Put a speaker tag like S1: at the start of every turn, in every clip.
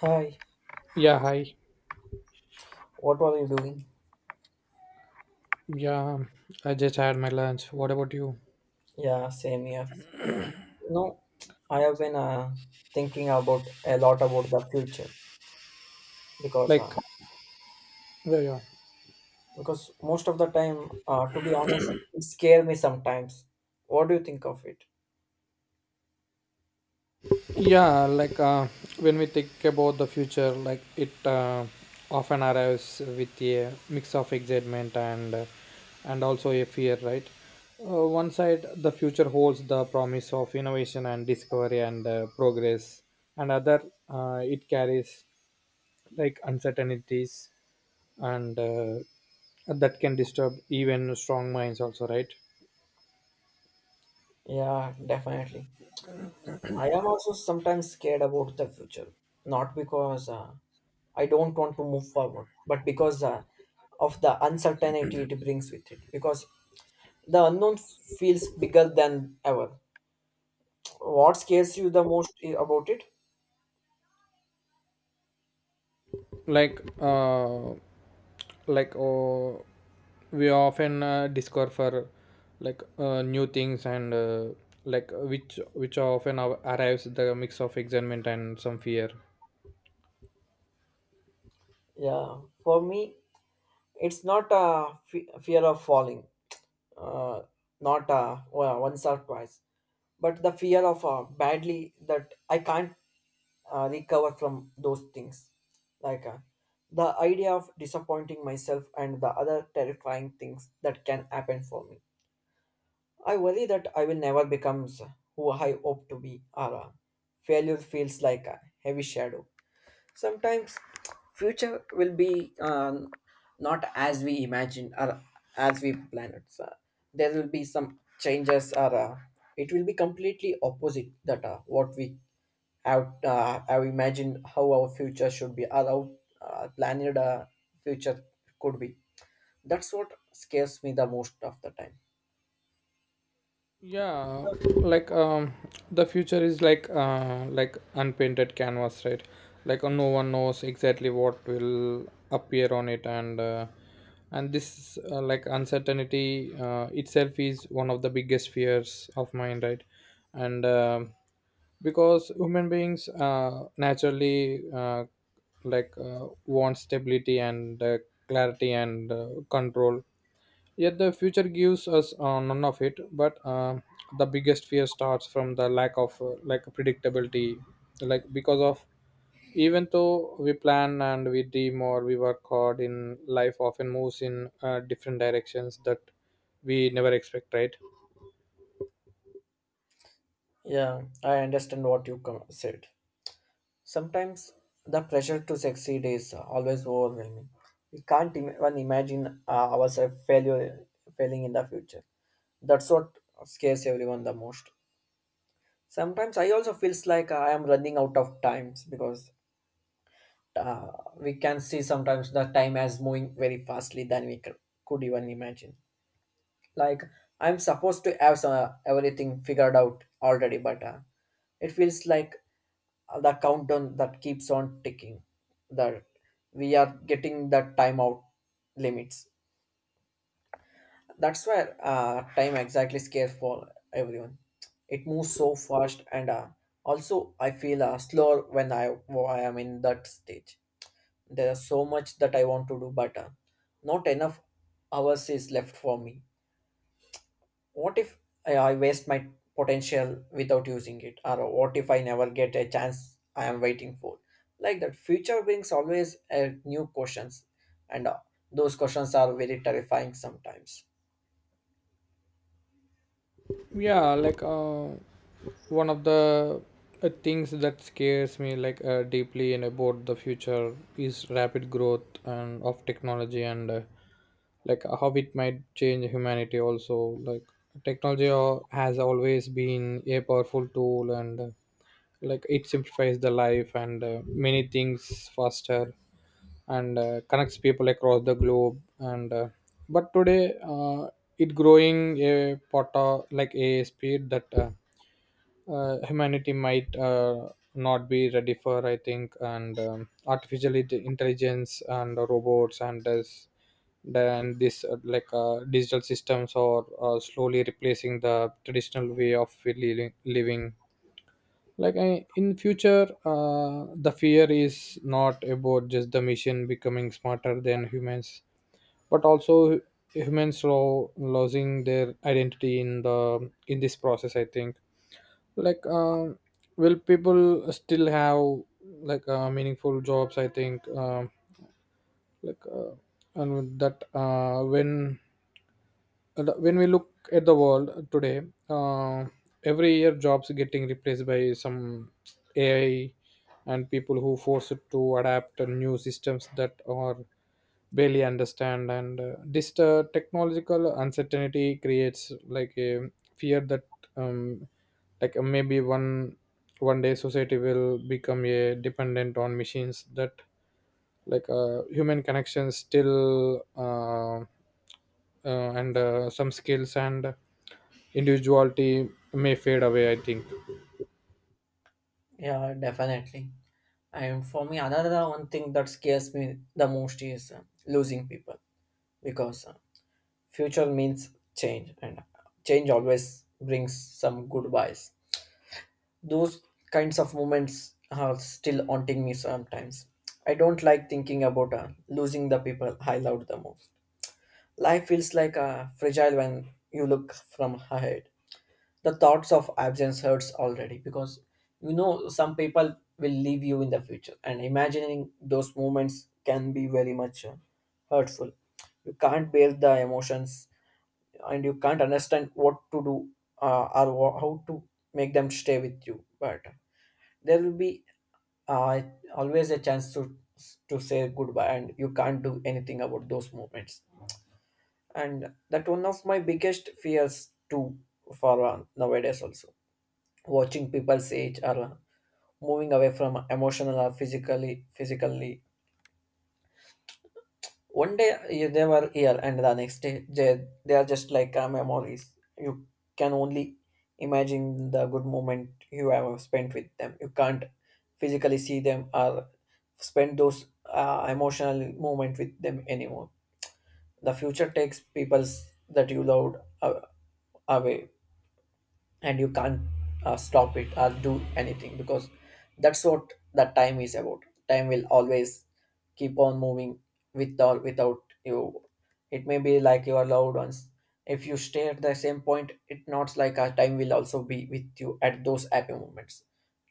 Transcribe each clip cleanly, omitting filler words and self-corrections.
S1: Hi.
S2: Yeah, hi.
S1: What were you doing?
S2: Yeah, um, I just had my lunch. What about you?
S1: Yeah, same here. You know, I have been thinking about a lot about the future because
S2: Like,
S1: uh,
S2: yeah, yeah.
S1: because most of the time, to be honest, it scares me sometimes. What do you think of it?
S2: Yeah, like uh, when we think about the future, like it often arrives with a mix of excitement and also a fear, right? One side, the future holds the promise of innovation and discovery and progress, and other, it carries like uncertainties and that can disturb even strong minds, also, right?
S1: Yeah, definitely. I am also sometimes scared about the future, not because I don't want to move forward, but because of the uncertainty it brings with it. Because the unknown feels bigger than ever. What scares you the most about it?
S2: like uh like oh we often discover for like new things and like which often arrives the mix of excitement and some fear.
S1: Yeah, for me, it's not a fear of falling, uh, not well, once or twice, but the fear of badly that I can't recover from those things, like uh, the idea of disappointing myself and the other terrifying things that can happen for me. I worry that I will never become who I hope to be, or failure feels like a heavy shadow sometimes. Future will be not as we imagine or as we plan it, so there will be some changes, or it will be completely opposite that what we have imagined how our future should be, or how planned future could be. That's what scares me the most of the time.
S2: yeah like um the future is like unpainted canvas, right? No one knows exactly what will appear on it, and this like uncertainty itself is one of the biggest fears of mine, right? And because human beings naturally want stability and clarity and control, yet the future gives us none of it. But the biggest fear starts from the lack of like predictability, like because of even though we plan and we dream or we work hard, in life often moves in different directions that we never expect, right?
S1: Yeah, I understand what you said. Sometimes the pressure to succeed is always overwhelming. We can't even imagine ourselves failure, failing in the future. That's what scares everyone the most. Sometimes I also feels like I am running out of times because uh, we can see sometimes the time as moving very fastly than we could even imagine. Like I'm supposed to have some, everything figured out already, but it feels like the countdown that keeps on ticking, that we are getting the timeout limits. That's where time exactly scares for everyone. It moves so fast, and also I feel slower when I am in that stage. There's so much that I want to do, but not enough hours is left for me. What if I waste my potential without using it? Or what if I never get a chance I am waiting for? Like that, future brings always new questions, and those questions are very terrifying sometimes.
S2: yeah like uh, One of the things that scares me deeply and about the future is rapid growth and of technology and like how it might change humanity also. Like technology has always been a powerful tool, and like it simplifies the life and many things faster, and connects people across the globe, and but today it growing a part of like a speed that humanity might not be ready for, I think. And Artificial intelligence and robots and this then this like digital systems are slowly replacing the traditional way of living. In future, the fear is not about just the machine becoming smarter than humans, but also humans losing their identity in this process, I think. like um will people still have meaningful jobs, I think? Like uh, and with that, when we look at the world today, uh, every year jobs getting replaced by some AI, and people who forced to adapt to new systems that are barely understand. And this technological uncertainty creates like a fear that um, maybe one day society will become a dependent on machines, that human connections still and some skills and individuality may fade away, I think.
S1: Yeah, definitely. And for me, another one thing that scares me the most is losing people, because future means change, and change always brings some goodbyes. Those kinds of moments are still haunting me sometimes. I don't like thinking about losing the people I loved the most. Life feels like fragile when you look from ahead. The thoughts of absence hurts already because you know some people will leave you in the future, and imagining those moments can be very much hurtful. You can't bear the emotions, and you can't understand what to do, or how to make them stay with you. But there will be uh, always a chance to say goodbye, and you can't do anything about those moments. And that one of my biggest fears too, for nowadays also, watching people's age or moving away from emotional or physically. One day they were here, and the next day they are just like memories. You can only imagine the good moment you have spent with them. You can't physically see them or spend those emotional moment with them anymore. The future takes peoples that you loved uh, away, and you can't stop it or do anything, because that's what that time is about. Time will always keep on moving with or without you. It may be like your loved ones. If you stay at the same point, it not like a time will also be with you at those happy moments.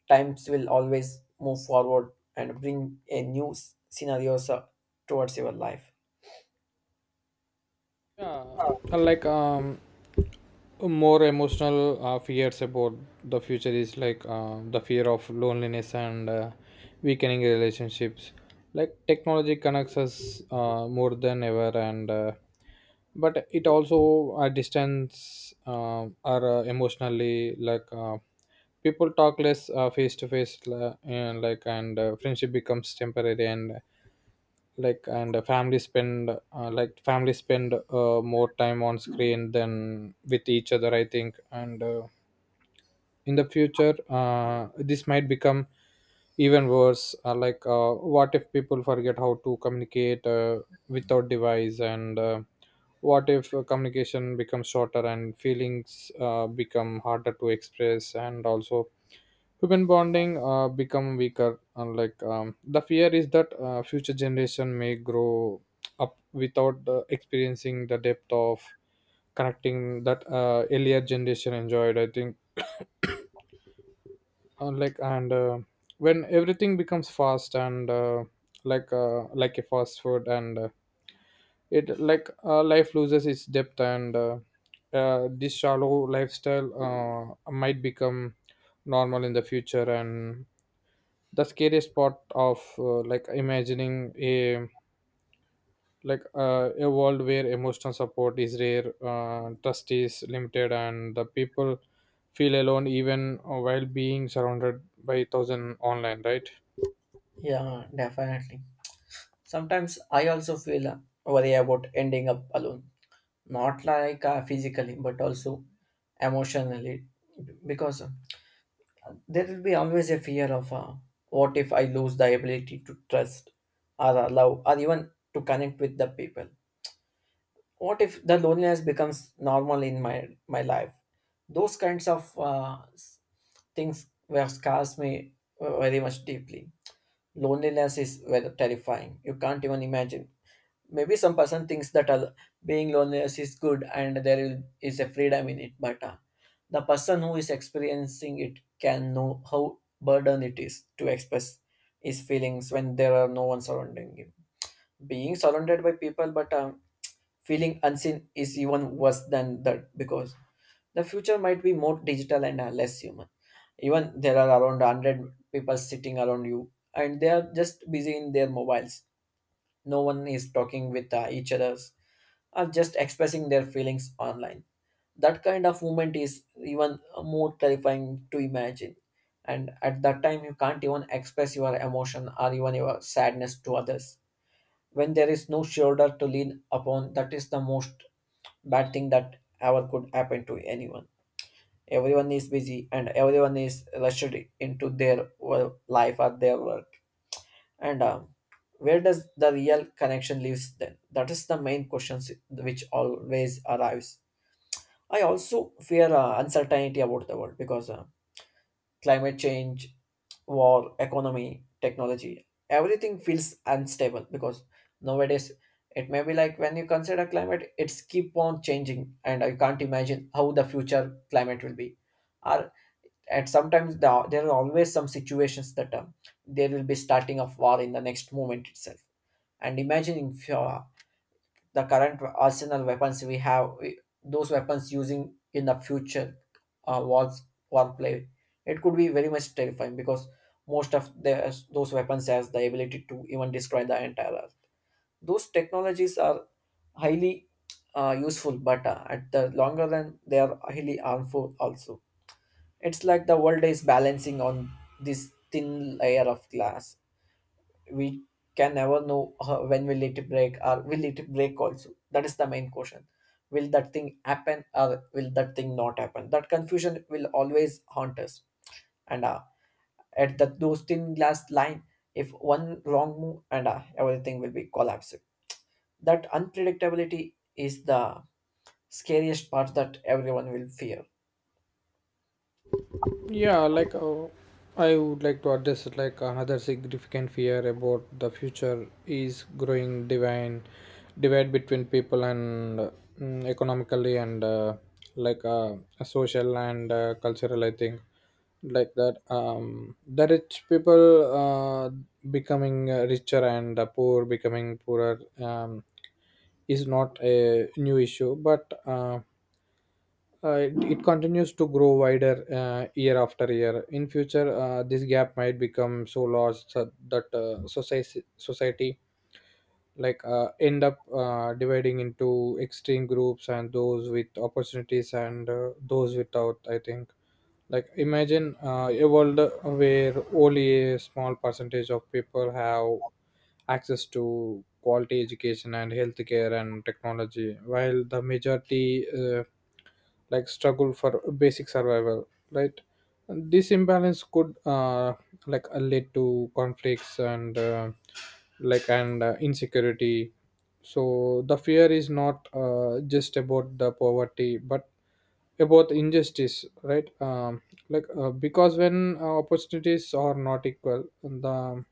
S1: Times will always move forward and bring a new scenarios towards your life.
S2: yeah uh, like um More emotional fears about the future is the fear of loneliness and weakening relationships. Like technology connects us more than ever, and but it also distance or emotionally. People talk less face to face, la- and like and friendship becomes temporary, and family spend more time on screen than with each other, I think. And In the future, this might become even worse. What if people forget how to communicate without device and What if communication becomes shorter and feelings become harder to express, and also human bonding become weaker? And like The fear is that future generation may grow up without experiencing the depth of connecting that earlier generation enjoyed, I think. Like and When everything becomes fast, and like a fast food, and it like life loses its depth, and this shallow lifestyle might become normal in the future. And the scariest part of like imagining a world where emotional support is rare, trust is limited, and the people feel alone even while being surrounded by thousand online, right?
S1: Yeah, definitely. Sometimes I also feel worry about ending up alone, not like physically, but also emotionally, because there will be always a fear of what if I lose the ability to trust, or love, or even to connect with the people. What if the loneliness becomes normal in my life? Those kinds of things were scars me very much deeply. Loneliness is very terrifying. You can't even imagine. Maybe some person thinks that being loneliness is good, and there is a freedom in it, but the person who is experiencing it can know how burden it is to express his feelings when there are no one surrounding him. Being surrounded by people but feeling unseen is even worse than that, because the future might be more digital and less human. Even there are around 100 people sitting around you, and they are just busy in their mobiles. No one is talking with each others, or just expressing their feelings online. That kind of movement is even more terrifying to imagine. And at that time, you can't even express your emotion or even your sadness to others. When there is no shoulder to lean upon, that is the most bad thing that ever could happen to anyone. Everyone is busy and everyone is rushed into their life or their work. And where does the real connection lives then? That is the main questions which always arrives. I also fear uncertainty about the world, because climate change, war, economy, technology, everything feels unstable, because nowadays, it may be like when you consider climate, it's keep on changing, and I can't imagine how the future climate will be. Or, and sometimes the, there are always some situations that there will be starting of war in the next moment itself. And imagining if, the current arsenal weapons we have, those weapons using in the future wars, warplay, it could be very much terrifying, because most of the, those weapons has the ability to even destroy the entire earth. Those technologies are highly useful, but at the longer run, they are highly harmful also. It's like the world is balancing on this thin layer of glass. We can never know when will it break, or will it break also. That is the main question. Will that thing happen, or will that thing not happen? That confusion will always haunt us. And at that those thin glass line, if one wrong move, and everything will be collapsed. That unpredictability is the scariest part that everyone will fear.
S2: Yeah, like uh, I would like to address it like another significant fear about the future is growing divine divide between people, economically and like uh, social and cultural. I think. Like that The rich people becoming richer and the poor becoming poorer is not a new issue, but. It, it continues to grow wider year after year. In future, this gap might become so large so that society end up dividing into extreme groups, and those with opportunities and those without, I think. Imagine a world where only a small percentage of people have access to quality education and healthcare and technology, while the majority struggle for basic survival, right? This imbalance could lead to conflicts and insecurity. So the fear is not just about the poverty but about injustice, right? Because when opportunities are not equal, the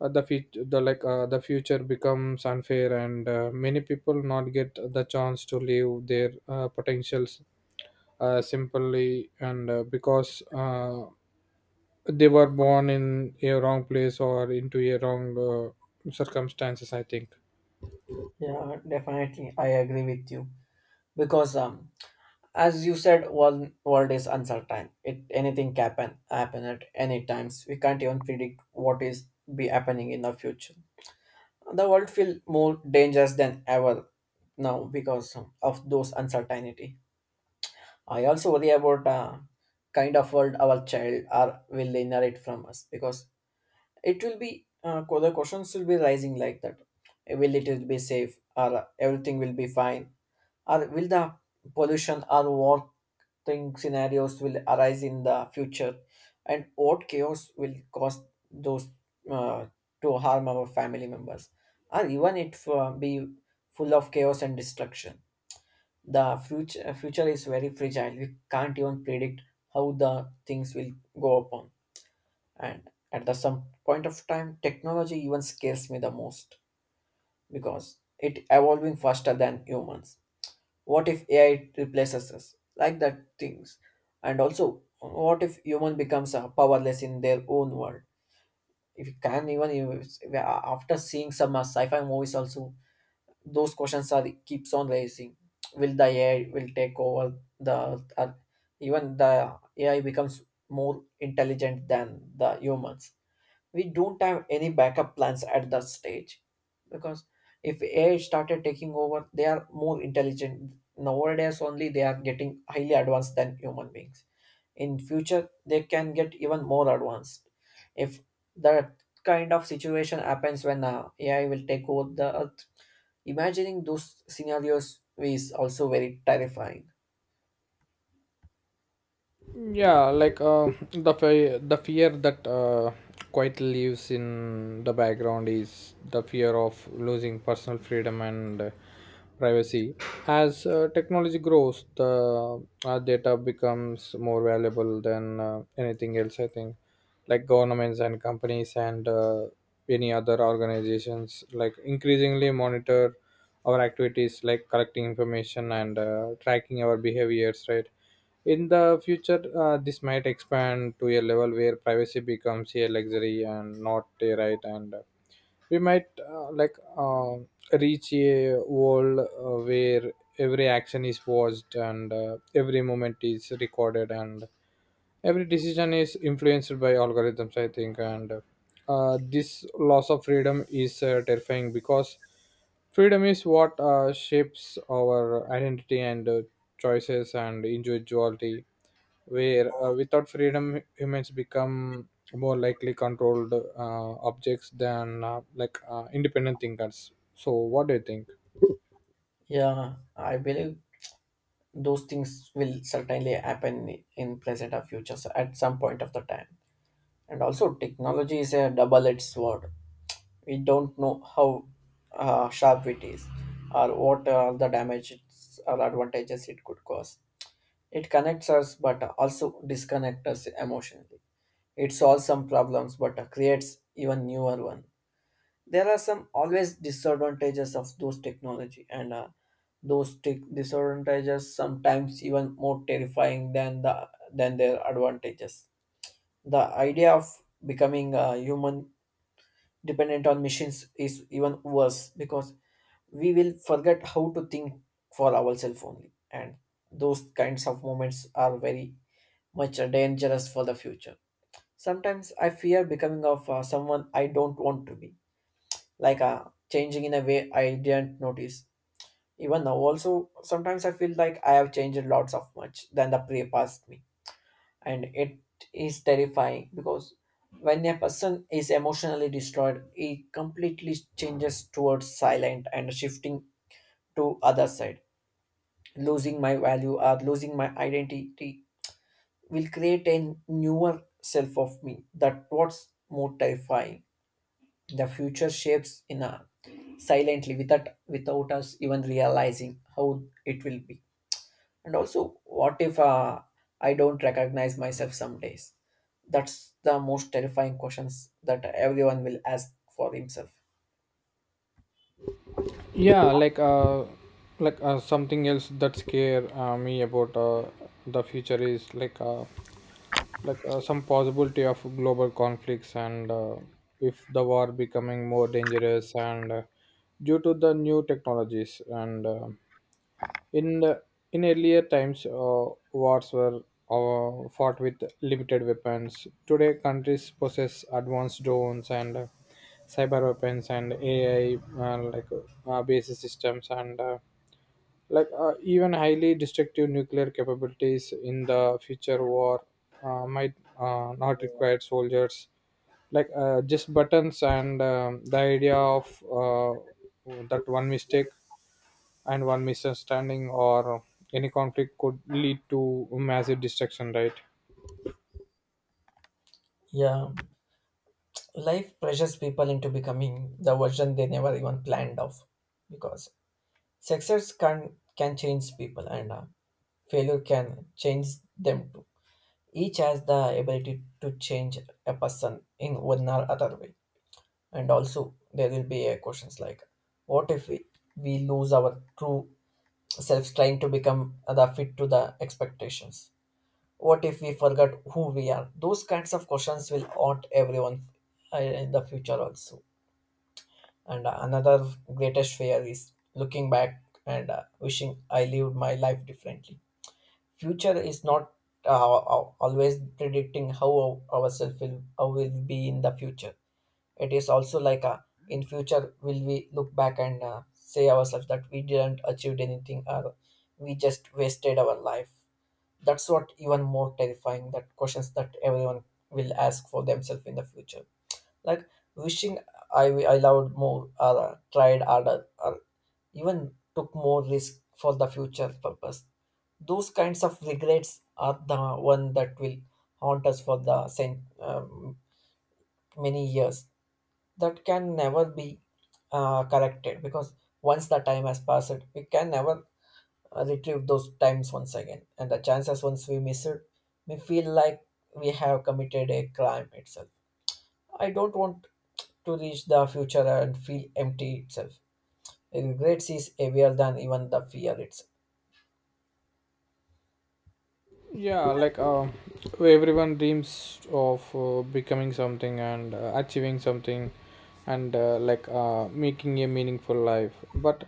S2: uh, the future the like uh, the future becomes unfair and many people not get the chance to live their potentials, simply and because they were born in a wrong place or into a wrong circumstances, I think.
S1: Yeah, definitely, I agree with you, because as you said, world is uncertain. It anything can happen at any times. We can't even predict what is be happening in the future. The world feel more dangerous than ever now, because of those uncertainty. I also worry about kind of world our child are will inherit from us, because it will be the questions will be rising like that. Will it be safe, or everything will be fine? Or will the pollution or war thing scenarios will arise in the future? And what chaos will cause those uh, to harm our family members? Or even it be full of chaos and destruction. The future is very fragile. We can't even predict how the things will go upon. And at the some point of time, technology even scares me the most, because it evolving faster than humans. What if AI replaces us, like that things? And also, what if human becomes powerless in their own world? If you can even after seeing some sci-fi movies also, those questions are keeps on raising. Will the AI will take over the earth? Even the AI becomes more intelligent than the humans, we don't have any backup plans at that stage, because if AI started taking over, they are more intelligent. Nowadays only they are getting highly advanced than human beings. In future, they can get even more advanced. If that kind of situation happens when AI will take over the earth, imagining those scenarios is also very terrifying.
S2: The fear that quite lives in the background is the fear of losing personal freedom and privacy. As technology grows, the data becomes more valuable than anything else, I think. Like governments and companies and any other organizations increasingly monitor our activities, like collecting information and tracking our behaviors, right? In the future, this might expand to a level where privacy becomes a luxury and not a right, and we might reach a world where every action is watched and every moment is recorded and every decision is influenced by algorithms, I think. And This loss of freedom is terrifying because freedom is what shapes our identity and choices and individuality, where without freedom humans become more likely controlled objects than independent thinkers. So what do you think?
S1: Yeah, I believe those things will certainly happen in present or futures at some point of the time. And also, technology is a double-edged sword. We don't know how sharp it is or what the damages or advantages it could cause. It connects us but also disconnects us emotionally. It solves some problems but creates even newer one. There are some always disadvantages of those technology, and those tech disadvantages sometimes even more terrifying than their advantages. The idea of becoming a human dependent on machines is even worse because we will forget how to think for ourselves only. And those kinds of moments are very much dangerous for the future. Sometimes I fear becoming of someone I don't want to be, like uh, changing in a way I didn't notice. Even now, also sometimes I feel like I have changed lots of much than the pre past me, and it is terrifying because when a person is emotionally destroyed, he completely changes towards silent and shifting to other side. Losing my value or losing my identity will create a newer self of me. That what's more terrifying. The future shapes in a silently without us even realizing how it will be. And also, what if I don't recognize myself some days? That's the most terrifying questions that everyone will ask for himself.
S2: yeah like uh Something else that scare me about the future is some possibility of global conflicts, and if the war becoming more dangerous and due to the new technologies and In the- in earlier times, wars were fought with limited weapons. Today, countries possess advanced drones and cyber weapons and AI, like based systems and even highly destructive nuclear capabilities. In the future, war might not require soldiers, just buttons. And The idea of uh, that one mistake and one misunderstanding or any conflict could lead to massive destruction, right?
S1: Yeah, life pressures people into becoming the version they never even planned of, because success can change people, and failure can change them too. Each has the ability to change a person in one or other way. And also, there will be a questions like, what if we lose our true selves trying to become the fit to the expectations? What if we forgot who we are? Those kinds of questions will haunt everyone in the future also. And another greatest fear is looking back and wishing I lived my life differently. Future is not uh, always predicting how ourselves will how will be in the future. It is also like a in future will we look back and say ourselves that we didn't achieve anything or we just wasted our life. That's what even more terrifying that questions that everyone will ask for themselves in the future, like wishing i I loved more or tried harder or even took more risk for the future purpose. Those kinds of regrets are the one that will haunt us for the many years. That can never be corrected because once the time has passed, we can never retrieve those times once again. And the chances once we miss it, we feel like we have committed a crime itself. I don't want to reach the future and feel empty itself. Regrets is heavier than even the fear itself.
S2: yeah like um Everyone dreams of becoming something and achieving something, and like making a meaningful life, but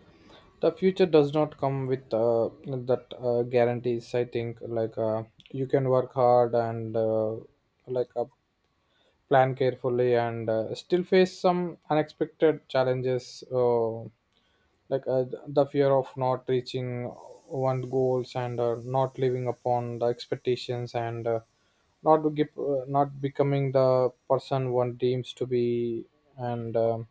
S2: the future does not come with that guarantees, I think. You can work hard and like uh, plan carefully and still face some unexpected challenges. The fear of not reaching one goals and not living upon the expectations and not to give, not becoming the person one deems to be and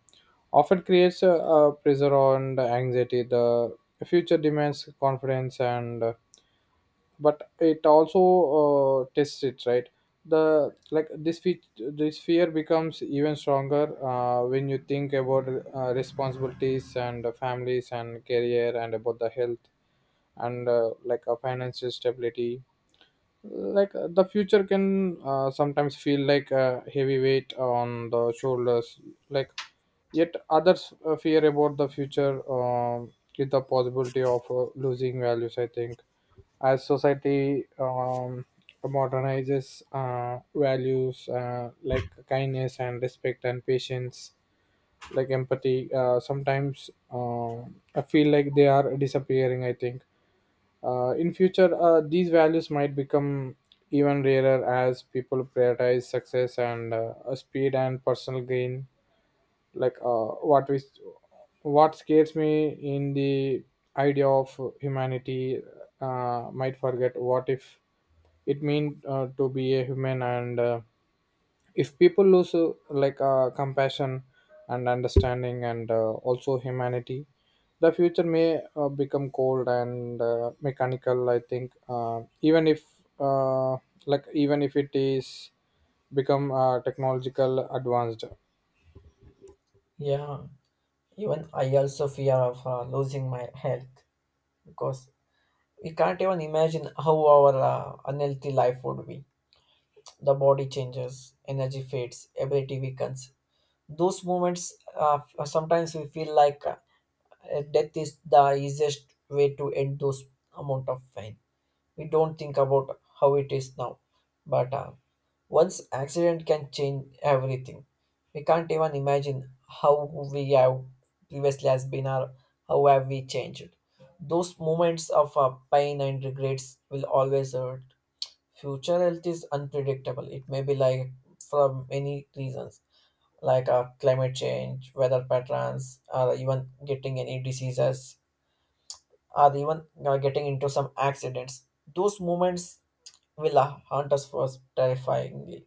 S2: often creates a pressure on the anxiety. The future demands confidence, and but it also tests it, right? the like this fe- This fear becomes even stronger when you think about responsibilities and families and career and about the health and a financial stability. The future can sometimes feel like a heavy weight on the shoulders. Like yet others fear about the future with the possibility of losing values, I think. As society modernizes, values like kindness and respect and patience, empathy, sometimes I feel like they are disappearing, I think. In future, these values might become even rarer as people prioritize success and speed and personal gain. like uh, what we what scares me in the idea of humanity, might forget what if it mean to be a human, and if people lose compassion and understanding and also humanity, the future may become cold and mechanical, I think, uh, even if it is become technological advanced.
S1: Yeah, even I also fear of losing my health, because we can't even imagine how our unhealthy life would be. The body changes, energy fades, ability weakens. Those moments, uh, sometimes we feel like death is the easiest way to end those amount of pain. We don't think about how it is now, but once accident can change everything. We can't even imagine how we have previously has been or how have we changed. Those moments of pain and regrets will always hurt. Future health is unpredictable. It may be like from many reasons, like climate change, weather patterns, or even getting any diseases, or even getting into some accidents. Those moments will haunt us was terrifyingly.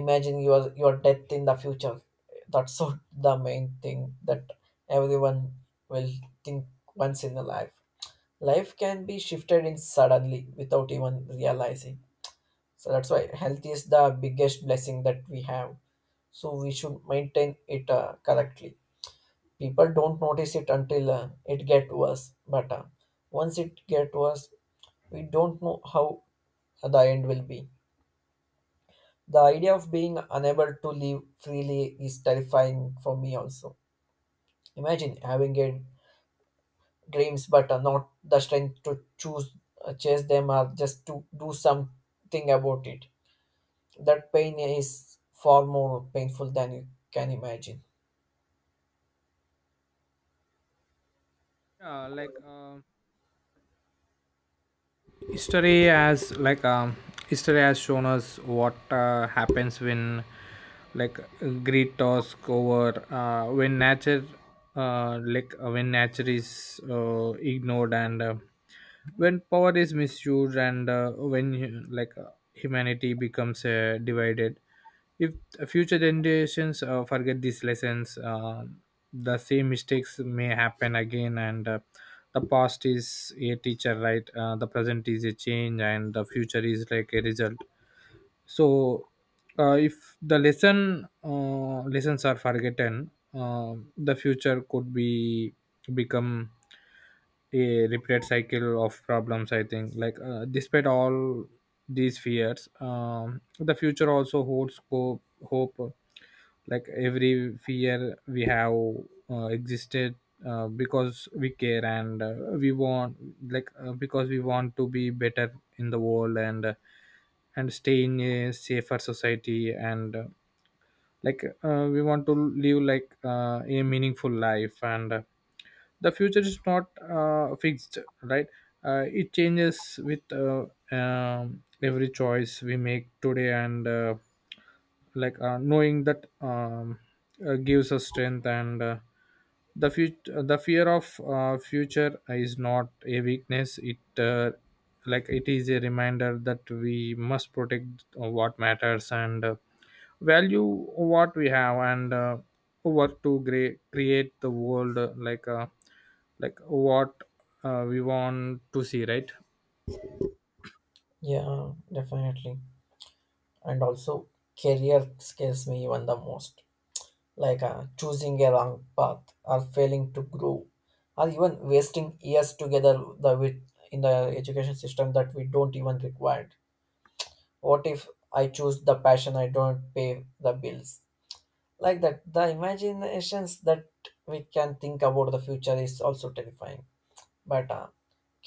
S1: Imagine your death in the future. That's so the main thing that everyone will think once in a life. Life can be shifted in suddenly without even realizing. So that's why health is the biggest blessing that we have. So we should maintain it correctly. People don't notice it until it get worse. But once it get worse, we don't know how the end will be. The idea of being unable to live freely is terrifying for me also. Imagine having a dreams but not the strength to choose chase them or just to do something about it. That pain is far more painful than you can imagine.
S2: Yeah, like uh, history has like um, History has shown us what happens when like greed task over, uh, when nature when nature is ignored, and when power is misused, and when humanity becomes divided. If future generations forget these lessons, the same mistakes may happen again, and the past is a teacher, right? The present is a change, and the future is like a result. So if the lessons are forgotten, the future could be become a repeated cycle of problems, I think. Despite all these fears, the future also holds hope. Like every fear we have existed because we care, and we want because we want to be better in the world and stay in a safer society, and we want to live a meaningful life, and the future is not fixed, right? It changes with every choice we make today, and knowing that gives us strength, and the future the fear of future is not a weakness. It is a reminder that we must protect what matters, and value what we have, and work to create the world like what we want to see, right?
S1: Yeah, definitely. And also, career scares me even the most, like choosing a wrong path or failing to grow or even wasting years together the with in the education system that we don't even require. What if I choose the passion I don't pay the bills, like that the imaginations that we can think about the future is also terrifying. But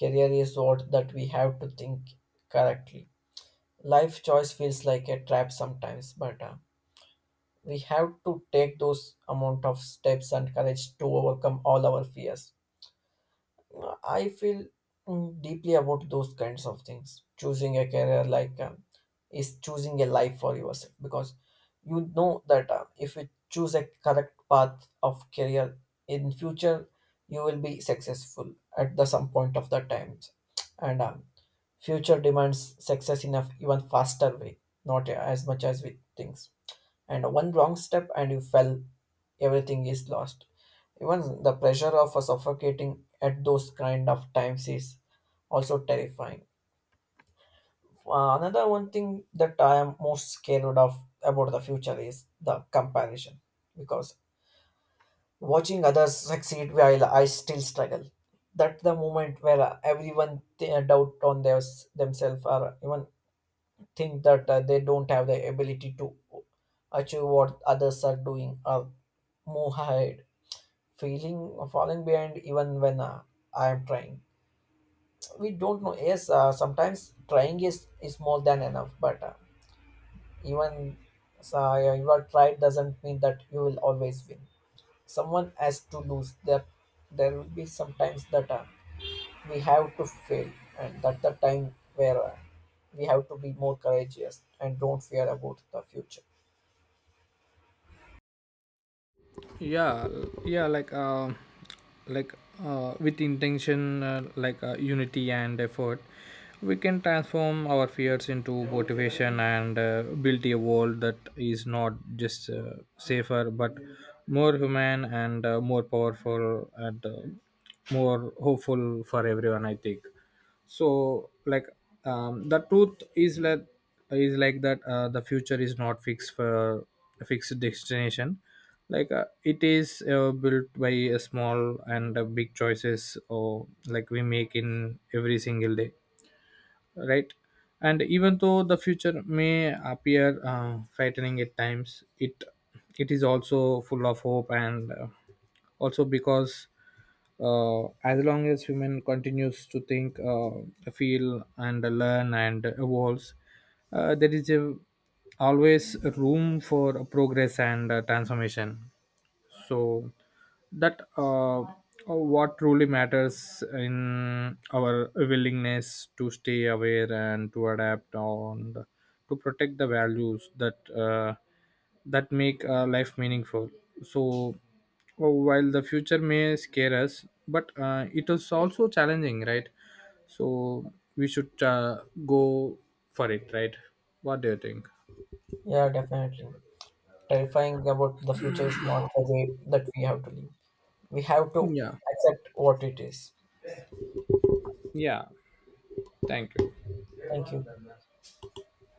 S1: career is what that we have to think correctly. Life choice feels like a trap sometimes, but we have to take those amount of steps and courage to overcome all our fears. I feel deeply about those kinds of things. Choosing a career is choosing a life for yourself, because you know that if you choose a correct path of career in future, you will be successful at the some point of the times. And future demands success in a even faster way, not as much as we think. And one wrong step and you fell, everything is lost. Even the pressure of a suffocating at those kind of times is also terrifying. Another one thing that I am most scared of about the future is the comparison, because watching others succeed while I still struggle, that the moment where everyone doubt on themselves, or even think that they don't have the ability to achieve what others are doing or move ahead, feeling falling behind even when I am trying. We don't know. Yes, sometimes trying is more than enough, but even you are tried doesn't mean that you will always win. Someone has to lose. There will be sometimes that we have to fail, and that the time where we have to be more courageous and don't fear about the future.
S2: yeah yeah like uh, like with intention, unity and effort, we can transform our fears into motivation and build a world that is not just safer but more human and more powerful and more hopeful for everyone, I think. so like the truth is that the future is not fixed for a fixed destination. It is built by a small and big choices or like we make in every single day, right? And even though the future may appear frightening at times, it is also full of hope, and also because as long as human continues to think, feel, and learn and evolves, there is always room for progress and transformation. So that What truly matters in our willingness to stay aware and to adapt, to protect the values that that make life meaningful. So while the future may scare us, but it is also challenging, right? So we should go for it, right? What do you think?
S1: Yeah, definitely. Terrifying about the future is not the way that we have to live. We have to
S2: yeah
S1: accept what it is.
S2: yeah Thank you.
S1: Thank you.